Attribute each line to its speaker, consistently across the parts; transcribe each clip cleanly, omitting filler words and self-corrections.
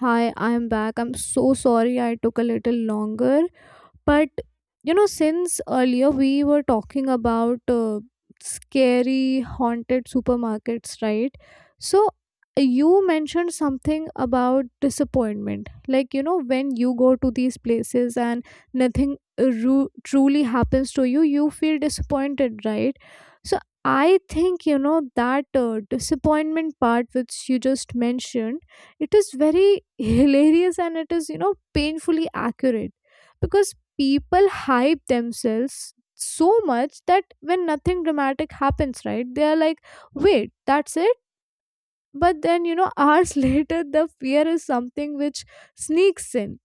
Speaker 1: Hi, I'm back. I'm so sorry I took a little longer. But you know, since earlier we were talking about scary haunted supermarkets, right? So you mentioned something about disappointment. Like, you know, when you go to these places and nothing truly happens to you, you feel disappointed, right? So I think, you know, that disappointment part which you just mentioned, it is very hilarious and it is, you know, painfully accurate because people hype themselves so much that when nothing dramatic happens, right, they are like, wait, that's it? But then, you know, hours later, the fear is something which sneaks in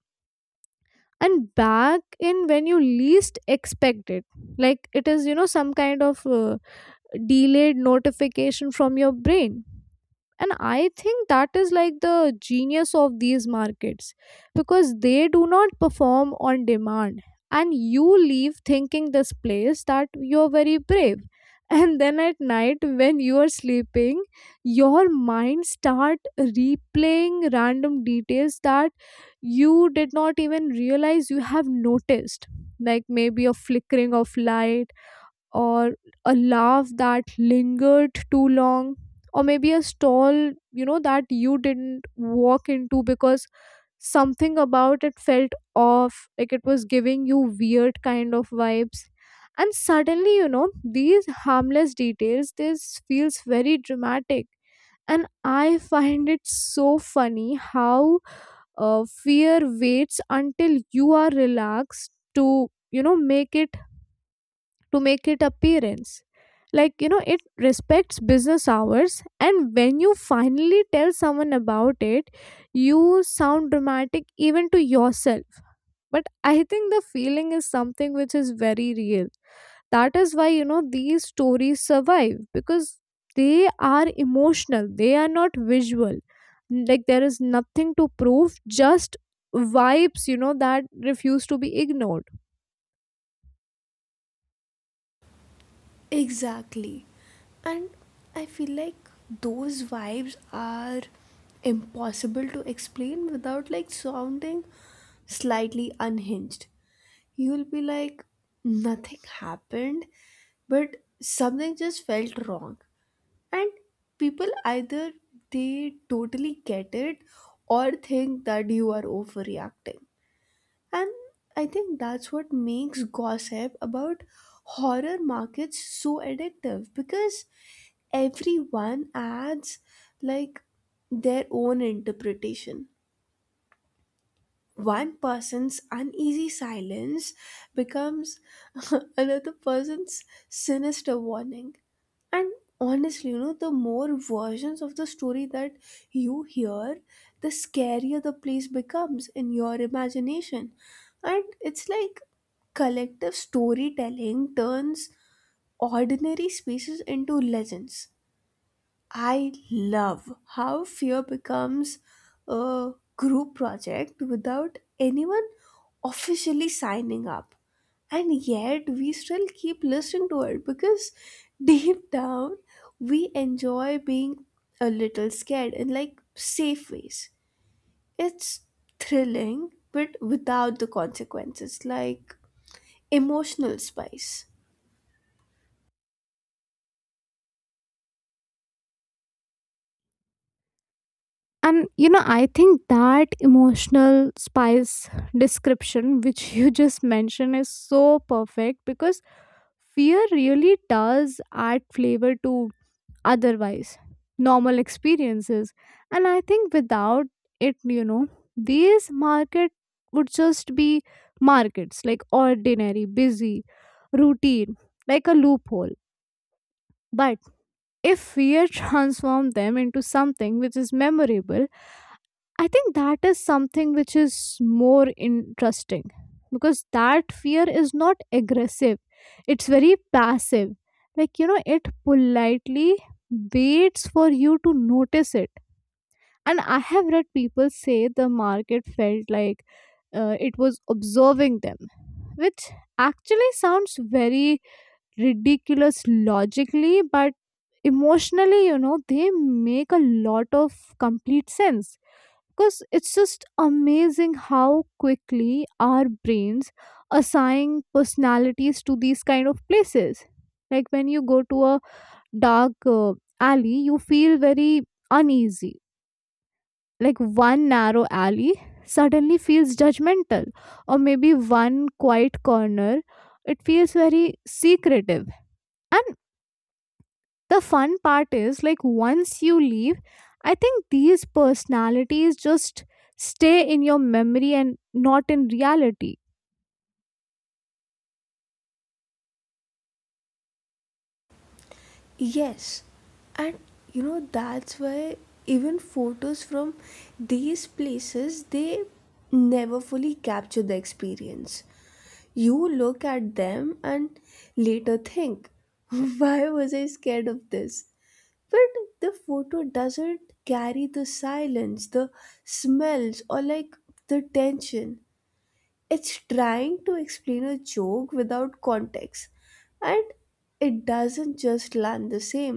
Speaker 1: and back in when you least expect it. Like it is, you know, some kind of delayed notification from your brain, and I think that is like the genius of these markets because they do not perform on demand, and you leave thinking this place that you're very brave. And then at night when you are sleeping, your mind start replaying random details that you did not even realize you have noticed, like maybe a flickering of light, or a laugh that lingered too long, or maybe a stall, you know, that you didn't walk into because something about it felt off, like it was giving you weird kind of vibes. And suddenly, you know, these harmless details this feels very dramatic. And I find it so funny how fear waits until you are relaxed to make it appearance. Like, you know, it respects business hours, and when you finally tell someone about it, you sound dramatic even to yourself. But I think the feeling is something which is very real. That is why, you know, these stories survive because they are emotional, they are not visual. Like there is nothing to prove, just vibes, you know, that refuse to be ignored.
Speaker 2: Exactly. And I feel like those vibes are impossible to explain without like sounding slightly unhinged. You'll be like, nothing happened, but something just felt wrong. And people either they totally get it or think that you are overreacting. And I think that's what makes gossip about horror markets so addictive because everyone adds like their own interpretation, one person's uneasy silence becomes another person's sinister warning. And honestly, you know, the more versions of the story that you hear, the scarier the place becomes in your imagination. And it's like collective storytelling turns ordinary spaces into legends. I love how fear becomes a group project without anyone officially signing up. And yet, we still keep listening to it because deep down, we enjoy being a little scared in like safe ways. It's thrilling, but without the consequences, like emotional spice.
Speaker 1: And you know, I think that emotional spice description, which you just mentioned, is so perfect because fear really does add flavor to otherwise normal experiences. And I think without it, you know, these market would just be markets, like ordinary, busy, routine, like a loophole. But if fear transformed them into something which is memorable, I think that is something which is more interesting because that fear is not aggressive, it's very passive. Like, you know, it politely waits for you to notice it. And I have read people say the market felt like it was observing them, which actually sounds very ridiculous logically, but emotionally, you know, they make a lot of complete sense because it's just amazing how quickly our brains assign personalities to these kind of places. Like when you go to a dark alley, you feel very uneasy. Like one narrow alley suddenly feels judgmental, or maybe one quiet corner, it feels very secretive. And the fun part is, like, once you leave, I think these personalities just stay in your memory and not in reality.
Speaker 2: Yes, and you know that's why even photos from these places, they never fully capture the experience. You look at them and later think, why was I scared of this? But the photo doesn't carry the silence, the smells, or like the tension. It's trying to explain a joke without context, and it doesn't just land the same.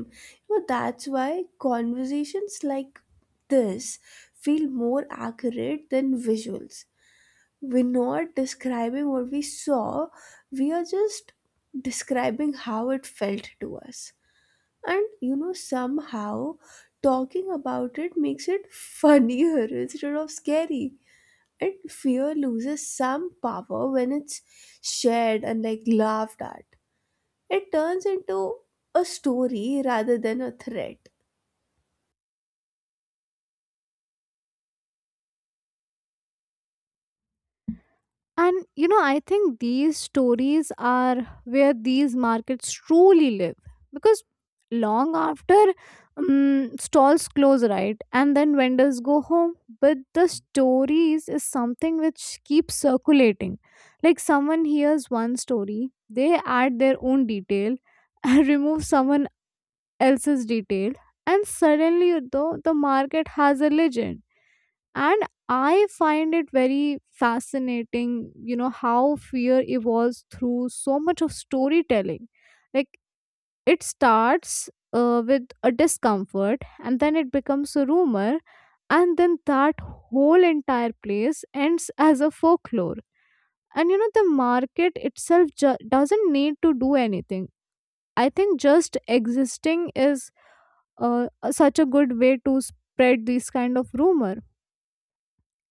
Speaker 2: You know, that's why conversations like this feel more accurate than visuals. We're not describing what we saw, we are just describing how it felt to us. And you know, somehow talking about it makes it funnier instead of scary. And fear loses some power when it's shared and like laughed at. It turns into a story rather than a threat.
Speaker 1: And you know, I think these stories are where these markets truly live because long after stalls close, right, and then vendors go home, but the stories is something which keeps circulating. Like someone hears one story, they add their own detail and remove someone else's detail, and suddenly though the market has a legend. And I find it very fascinating, you know, how fear evolves through so much of storytelling. Like it starts with a discomfort, and then it becomes a rumor, and then that whole entire place ends as a folklore. And you know, the market itself doesn't need to do anything. I think just existing is such a good way to spread this kind of rumor.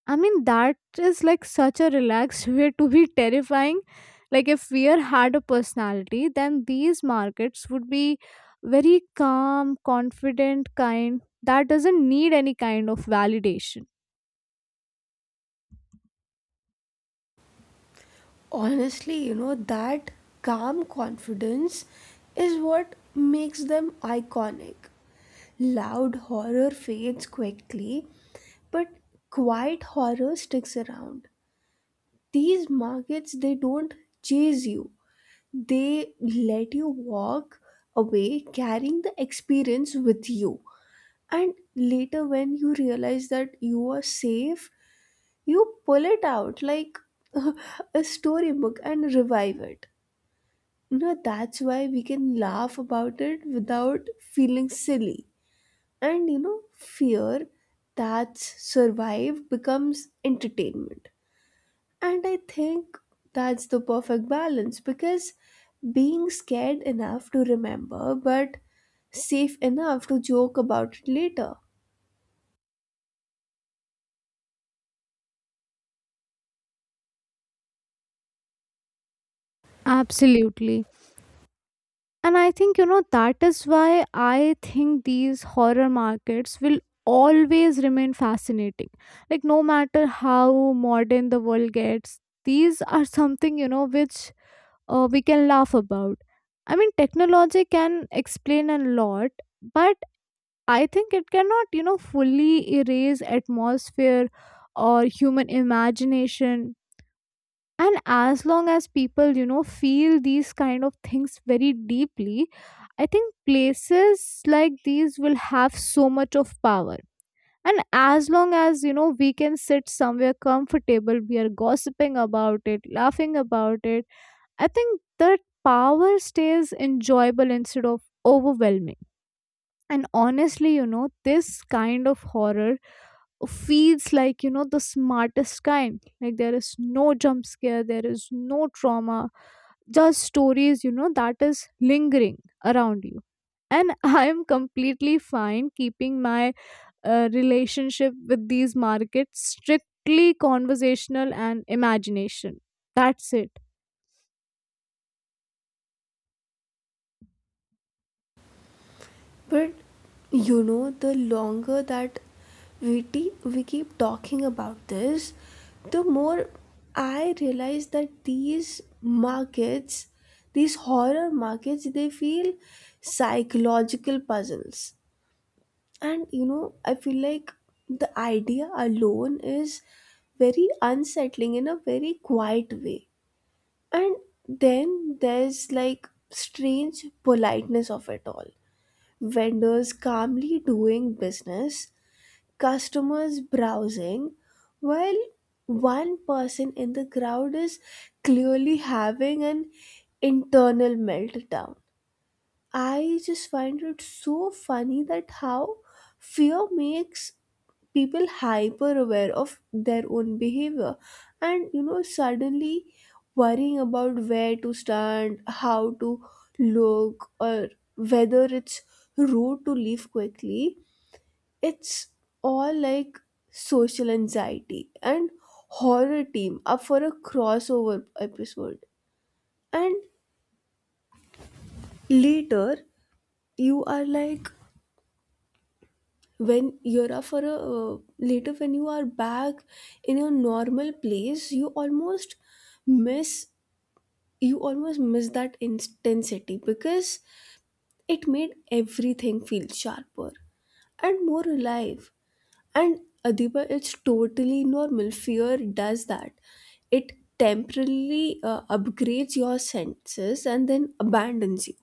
Speaker 1: I mean, that is like such a relaxed way to be terrifying. Like, if fear had a personality, then these markets would be very calm, confident, kind that doesn't need any kind of validation.
Speaker 2: Honestly, you know, that calm confidence is what makes them iconic. Loud horror fades quickly, but quiet horror sticks around. These markets, they don't chase you, they let you walk away carrying the experience with you. And later, when you realize that you are safe, you pull it out like a storybook and revive it. You know, that's why we can laugh about it without feeling silly. And you know, fear that's survived becomes entertainment. And I think that's the perfect balance, because being scared enough to remember but safe enough to joke about it later.
Speaker 1: Absolutely. And I think, you know, that is why I think these horror markets will always remain fascinating. Like, no matter how modern the world gets, these are something, you know, which we can laugh about. I mean, technology can explain a lot, but I think it cannot, you know, fully erase atmosphere or human imagination. And as long as people, you know, feel these kind of things very deeply, I think places like these will have so much of power. And as long as, you know, we can sit somewhere comfortable, we are gossiping about it, laughing about it, I think that power stays enjoyable instead of overwhelming. And honestly, you know, this kind of horror feels like, you know, the smartest kind. Like there is no jump scare, there is no trauma, just stories, you know, that is lingering around you. And I am completely fine keeping my relationship with these markets strictly conversational and imagination. That's it.
Speaker 2: But you know, the longer that we keep talking about this, the more I realize that these markets, these horror markets, they feel psychological puzzles. And you know, I feel like the idea alone is very unsettling in a very quiet way. And then there's like strange politeness of it all. Vendors calmly doing business, customers browsing, while one person in the crowd is clearly having an internal meltdown. I just find it so funny that how fear makes people hyper aware of their own behavior. And you know, suddenly worrying about where to stand, how to look, or whether it's rude to leave quickly. It's all like social anxiety and horror team up for a crossover episode. And later, you are like, when you're a for a later when you are back in your normal place, you almost miss, you almost miss that intensity because it made everything feel sharper and more alive. And Adiba, it's totally normal, fear does that. It temporarily upgrades your senses and then abandons you.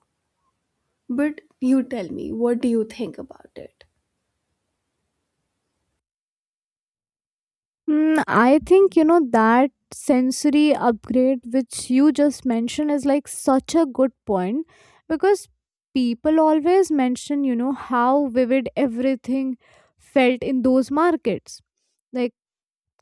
Speaker 2: But you tell me, what do you think about it?
Speaker 1: Mm, I think you know that sensory upgrade which you just mentioned is like such a good point because people always mention, you know, how vivid everything felt in those markets. Like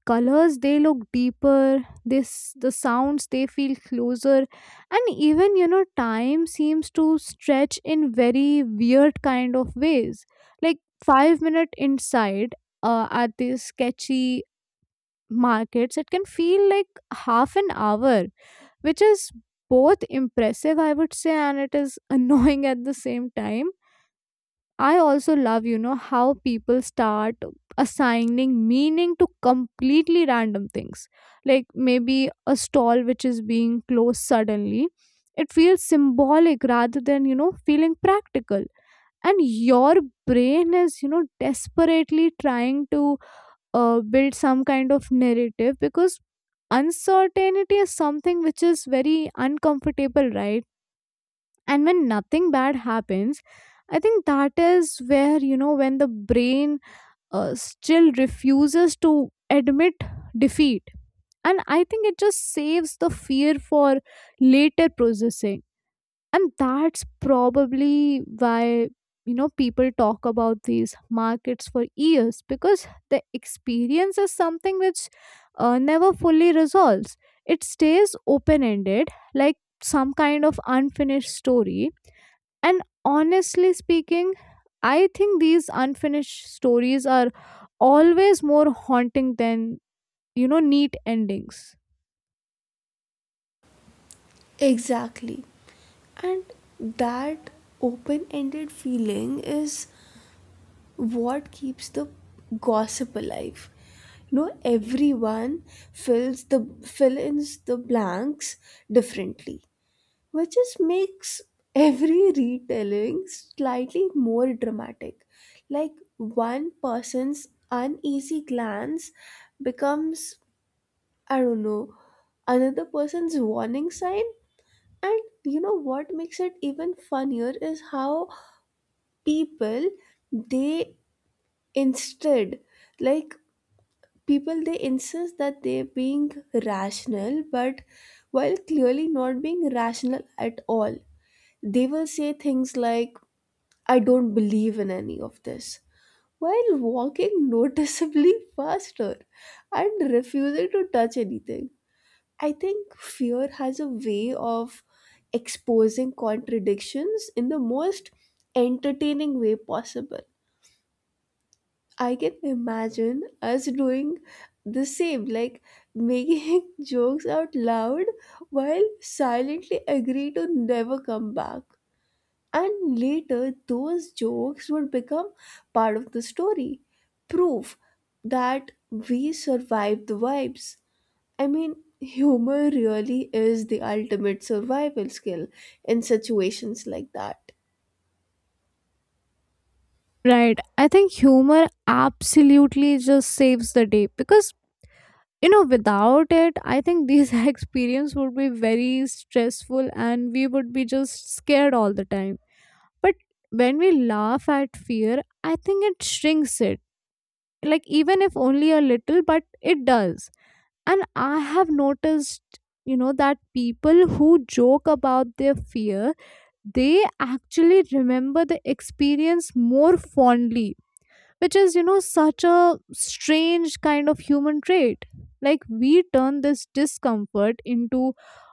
Speaker 1: colors, they look deeper, this the sounds they feel closer, and even, you know, time seems to stretch in very weird kind of ways. Like 5-minute inside at this sketchy markets, it can feel like half an hour, which is both impressive, I would say, and it is annoying at the same time. I also love, you know, how people start assigning meaning to completely random things. Like maybe a stall which is being closed suddenly. It feels symbolic rather than, you know, feeling practical. And your brain is, you know, desperately trying to build some kind of narrative because uncertainty is something which is very uncomfortable, right? And when nothing bad happens, I think that is where, you know, when the brain still refuses to admit defeat. And I think it just saves the fear for later processing, and that's probably why, you know, people talk about these markets for years because the experience is something which never fully resolves. It stays open ended, like some kind of unfinished story. And honestly speaking, I think these unfinished stories are always more haunting than, you know, neat endings.
Speaker 2: Exactly. And that open ended feeling is what keeps the gossip alive. You know, everyone fill ins the blanks differently, which just makes every retelling slightly more dramatic. Like one person's uneasy glance becomes, I don't know, another person's warning sign. And you know what makes it even funnier is how people they instead like people, they insist that they're being rational but while clearly not being rational at all. They will say things like, I don't believe in any of this, while walking noticeably faster and refusing to touch anything. I think fear has a way of exposing contradictions in the most entertaining way possible. I can imagine us doing the same, like making jokes out loud while silently agree to never come back. And later, those jokes would become part of the story, proof that we survived the vibes. I mean, humor really is the ultimate survival skill in situations like that.
Speaker 1: Right. I think humor absolutely just saves the day because, you know, without it I think these experience would be very stressful and we would be just scared all the time. But when we laugh at fear, I think it shrinks it, like even if only a little, but it does. And I have noticed, you know, that people who joke about their fear, they actually remember the experience more fondly, which is, you know, such a strange kind of human trait. Like we turn this discomfort into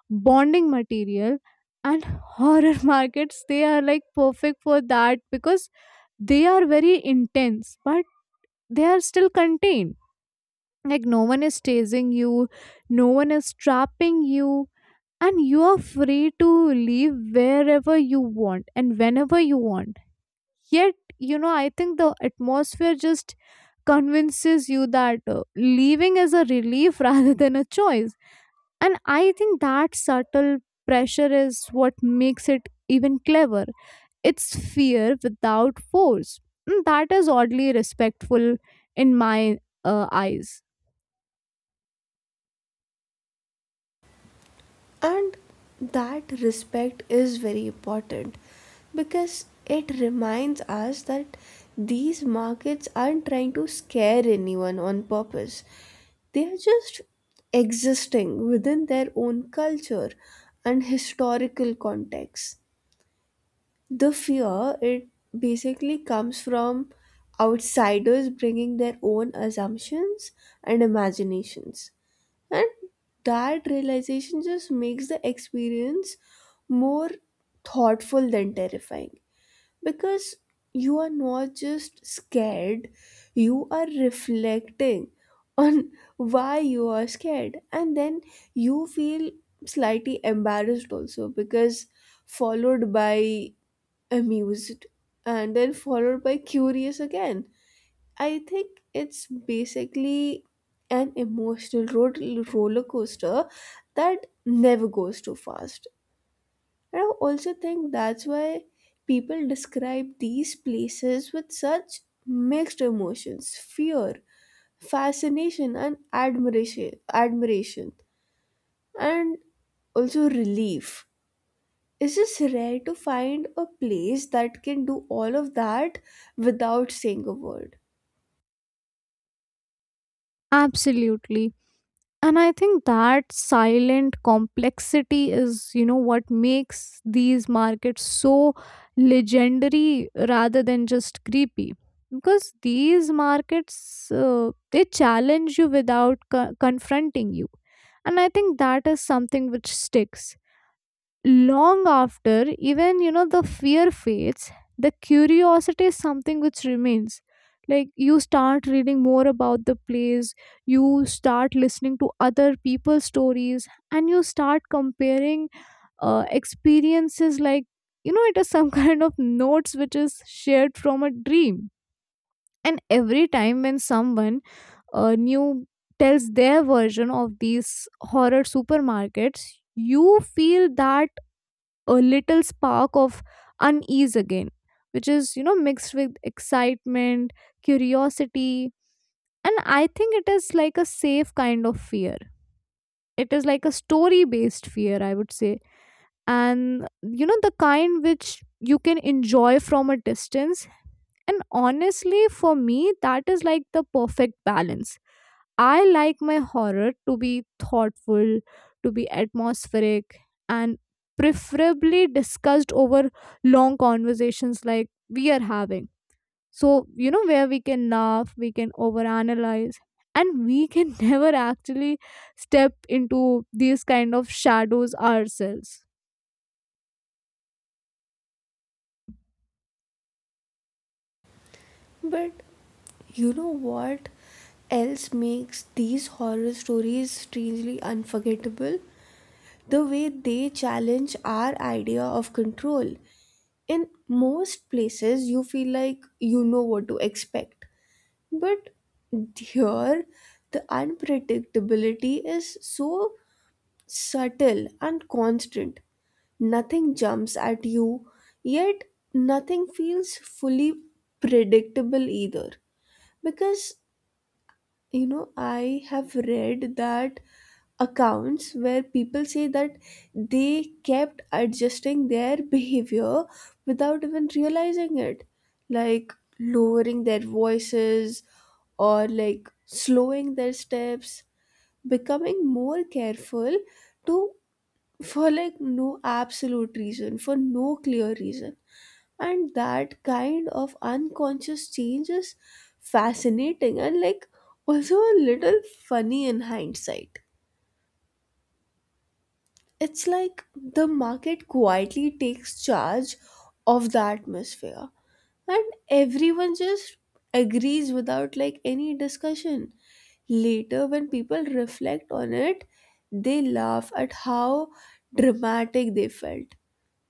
Speaker 1: bonding material, and horror markets, they are like perfect for that because they are very intense, but they are still contained. Like no one is chasing you, no one is trapping you, and you are free to leave wherever you want and whenever you want. Yet, you know, I think the atmosphere just convinces you that leaving is a relief rather than a choice. And I think that subtle pressure is what makes it even clever. It's fear without force. And that is oddly respectful in my eyes.
Speaker 2: And that respect is very important because it reminds us that these markets aren't trying to scare anyone on purpose. They are just existing within their own culture and historical context. The fear, it basically comes from outsiders bringing their own assumptions and imaginations. And that realization just makes the experience more thoughtful than terrifying, because you are not just scared, you are reflecting on why you are scared. And then you feel slightly embarrassed also, because followed by amused and then followed by curious again. I think it's basically an emotional road roller coaster that never goes too fast. And I also think that's why people describe these places with such mixed emotions: fear, fascination and admiration, and also relief. It's just rare to find a place that can do all of that without saying a word.
Speaker 1: Absolutely. And I think that silent complexity is, you know, what makes these markets so legendary rather than just creepy. Because these markets, they challenge you without co- confronting you. And I think that is something which sticks long after. Even, you know, the fear fades, the curiosity is something which remains. Like you start reading more about the place, you start listening to other people's stories, and you start comparing experiences, like, you know, it is some kind of notes which is shared from a dream. And every time when someone new tells their version of these horror supermarkets, you feel that a little spark of unease again, which is, you know, mixed with excitement, curiosity, and I think it is like a safe kind of fear. It is like a story based fear, I would say. And, you know, the kind which you can enjoy from a distance, and honestly, for me, that is like the perfect balance. I like my horror to be thoughtful, to be atmospheric, and preferably discussed over long conversations like we are having. So, you know, where we can laugh, we can overanalyze, and we can never actually step into these kind of shadows ourselves.
Speaker 2: But you know what else makes these horror stories strangely unforgettable? The way they challenge our idea of control. In most places, you feel like you know what to expect. But here, the unpredictability is so subtle and constant. Nothing jumps at you, yet nothing feels fully predictable either. Because, you know, I have read that accounts where people say that they kept adjusting their behavior without even realizing it, like lowering their voices or like slowing their steps, becoming more careful to, for no clear reason. And that kind of unconscious change is fascinating and like also a little funny in hindsight. It's like the market quietly takes charge of the atmosphere and everyone just agrees without like any discussion. Later, when people reflect on it, they laugh at how dramatic they felt.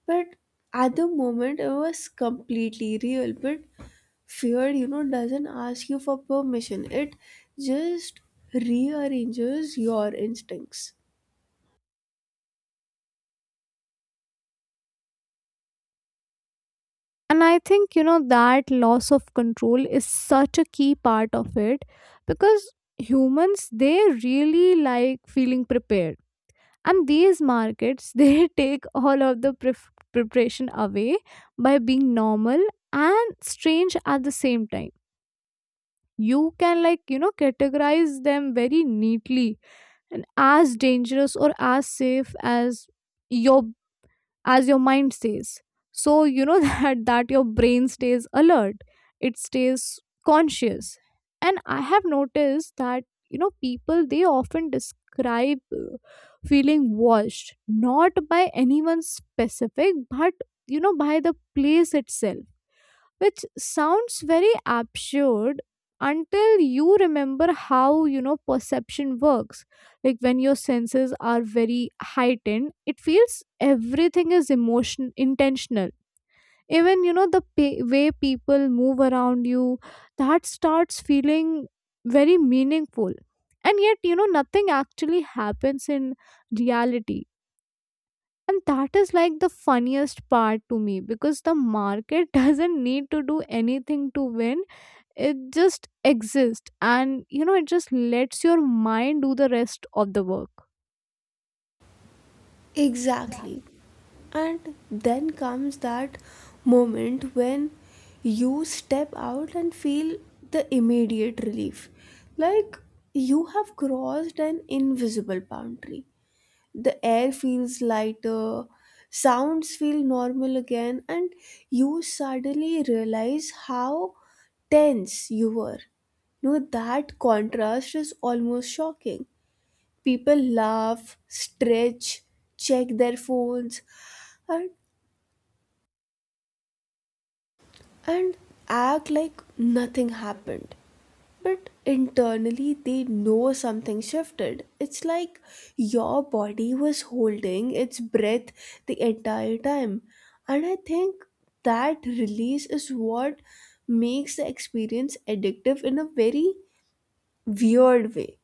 Speaker 2: But at the moment, it was completely real. But fear, you know, doesn't ask you for permission, it just rearranges your instincts.
Speaker 1: And I think, you know, that loss of control is such a key part of it, because humans, they really like feeling prepared, and these markets they take all of the preparation away by being normal and strange at the same time. You can, like, you know, categorize them very neatly and as dangerous or as safe your as your mind stays. So, you know, that your brain stays alert, it stays conscious. And I have noticed that, you know, people, they often describe feeling washed, not by anyone specific, but, you know, by the place itself, which sounds very absurd until you remember how, you know, perception works. Like, when your senses are very heightened, it feels everything is emotion intentional. Even, you know, the way people move around you, that starts feeling very meaningful. And yet, you know, nothing actually happens in reality. And that is like the funniest part to me, because the market doesn't need to do anything to win. It just exists, and, you know, it just lets your mind do the rest of the work.
Speaker 2: Exactly. And then comes that moment when you step out and feel the immediate relief. Like you have crossed an invisible boundary. The air feels lighter, sounds feel normal again, and you suddenly realize how tense you were. No, that contrast is almost shocking. People laugh, stretch, check their phones, and and act like nothing happened. But internally, they know something shifted. It's like your body was holding its breath the entire time. And I think that release is what makes the experience addictive in a very weird way.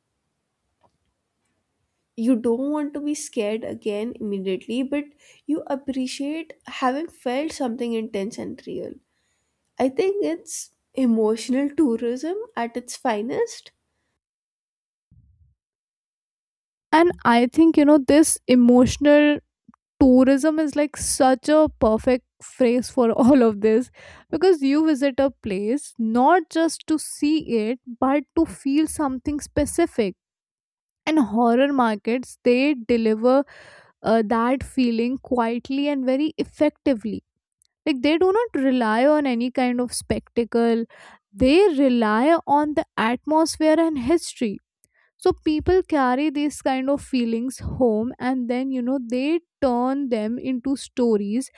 Speaker 2: You don't want to be scared again immediately, but you appreciate having felt something intense and real. I think it's emotional tourism at its finest.
Speaker 1: And I think, you know, this emotional tourism is like such a perfect phrase for all of this, because you visit a place not just to see it but to feel something specific. And horror markets, they deliver that feeling quietly and very effectively. Like, they do not rely on any kind of spectacle, they rely on the atmosphere and history. So people carry these kind of feelings home, and then, you know, they turn them into stories,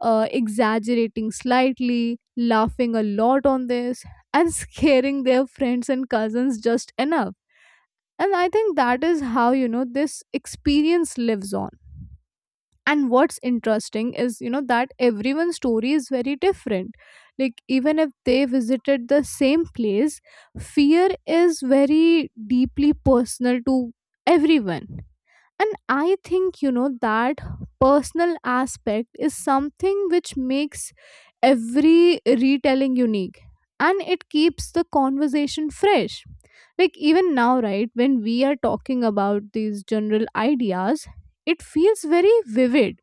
Speaker 1: exaggerating slightly, laughing a lot on this, and scaring their friends and cousins just enough. And I think that is how, you know, this experience lives on. And what's interesting is, you know, that everyone's story is very different. Like, even if they visited the same place, fear is very deeply personal to everyone. And I think, you know, that personal aspect is something which makes every retelling unique, and it keeps the conversation fresh. Like, even now, right, when we are talking about these general ideas, it feels very vivid.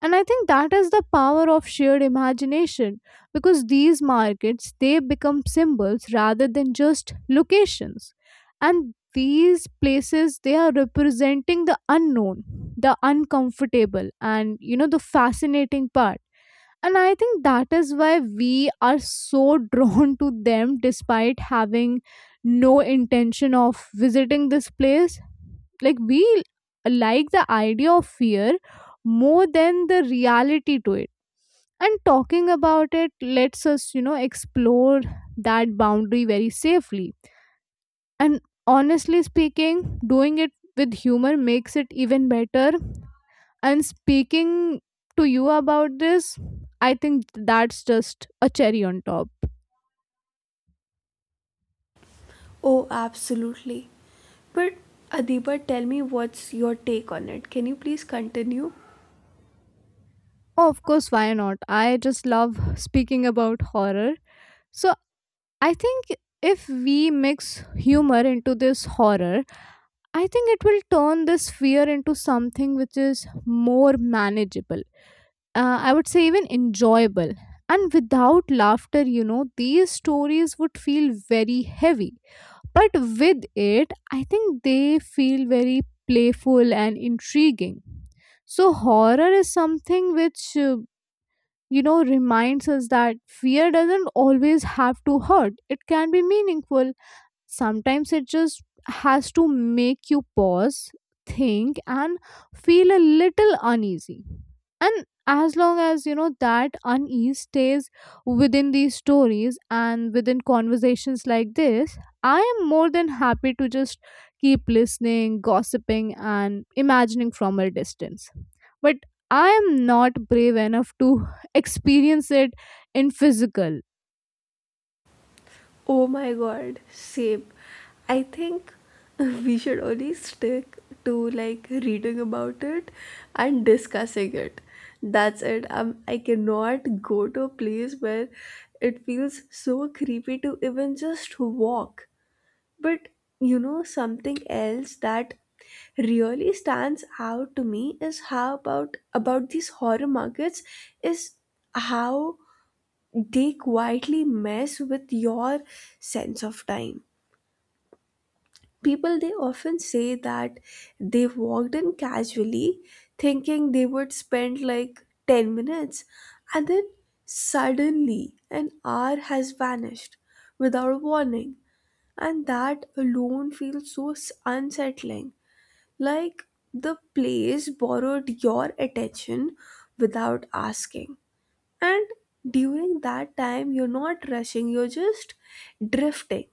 Speaker 1: And I think that is the power of shared imagination, because these markets, they become symbols rather than just locations. And these places, they are representing the unknown, the uncomfortable, and, you know, the fascinating part. And I think that is why we are so drawn to them despite having no intention of visiting this place. Like, we like the idea of fear more than the reality to it, and talking about it lets us, you know, explore that boundary very safely. And honestly speaking, doing it with humor makes it even better. And speaking to you about this, I think that's just a cherry on top.
Speaker 2: Oh, absolutely. But Adiba, tell me what's your take on it. Can you please continue?
Speaker 1: Oh, of course, why not? I just love speaking about horror. So I think if we mix humor into this horror, I think it will turn this fear into something which is more manageable. I would say even enjoyable. And without laughter, you know, these stories would feel very heavy. But with it, I think they feel very playful and intriguing. So, horror is something which, you know, reminds us that fear doesn't always have to hurt, it can be meaningful. Sometimes it just has to make you pause, think, and feel a little uneasy. And as long as you know that unease stays within these stories and within conversations like this, I am more than happy to just keep listening, gossiping, and imagining from a distance. But I am not brave enough to experience it in physical.
Speaker 2: Oh my god, same. I think we should only stick to like reading about it and discussing it. That's it. I cannot go to a place where it feels so creepy to even just walk. But you know, something else that really stands out to me is how about these horror markets is how they quietly mess with your sense of time. People, they often say that they walked in casually thinking they would spend like 10 minutes, and then suddenly an hour has vanished without warning. And that alone feels so unsettling, like the place borrowed your attention without asking. And during that time, you're not rushing, you're just drifting,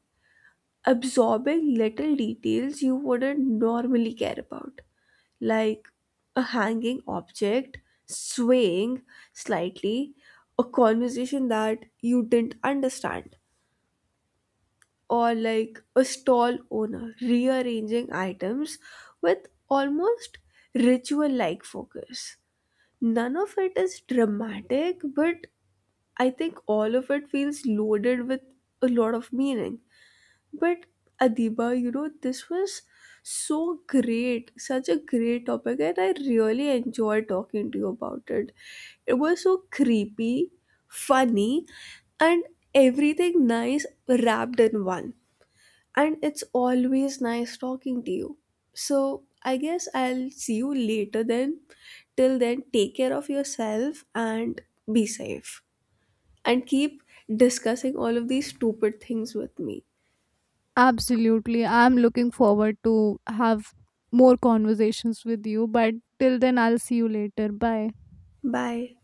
Speaker 2: absorbing little details you wouldn't normally care about, like a hanging object swaying slightly, a conversation that you didn't understand, or like a stall owner rearranging items with almost ritual like focus. None of it is dramatic, but I think all of it feels loaded with a lot of meaning. But Adiba, you know, this was so great, such a great topic, and I really enjoyed talking to you about it. It was so creepy, funny, and everything nice wrapped in one. And it's always nice talking to you. So I guess I'll see you later then. Till then, take care of yourself and be safe. And keep discussing all of these stupid things with me.
Speaker 1: Absolutely. I'm looking forward to have more conversations with you, but till then I'll see you later. Bye.
Speaker 2: Bye.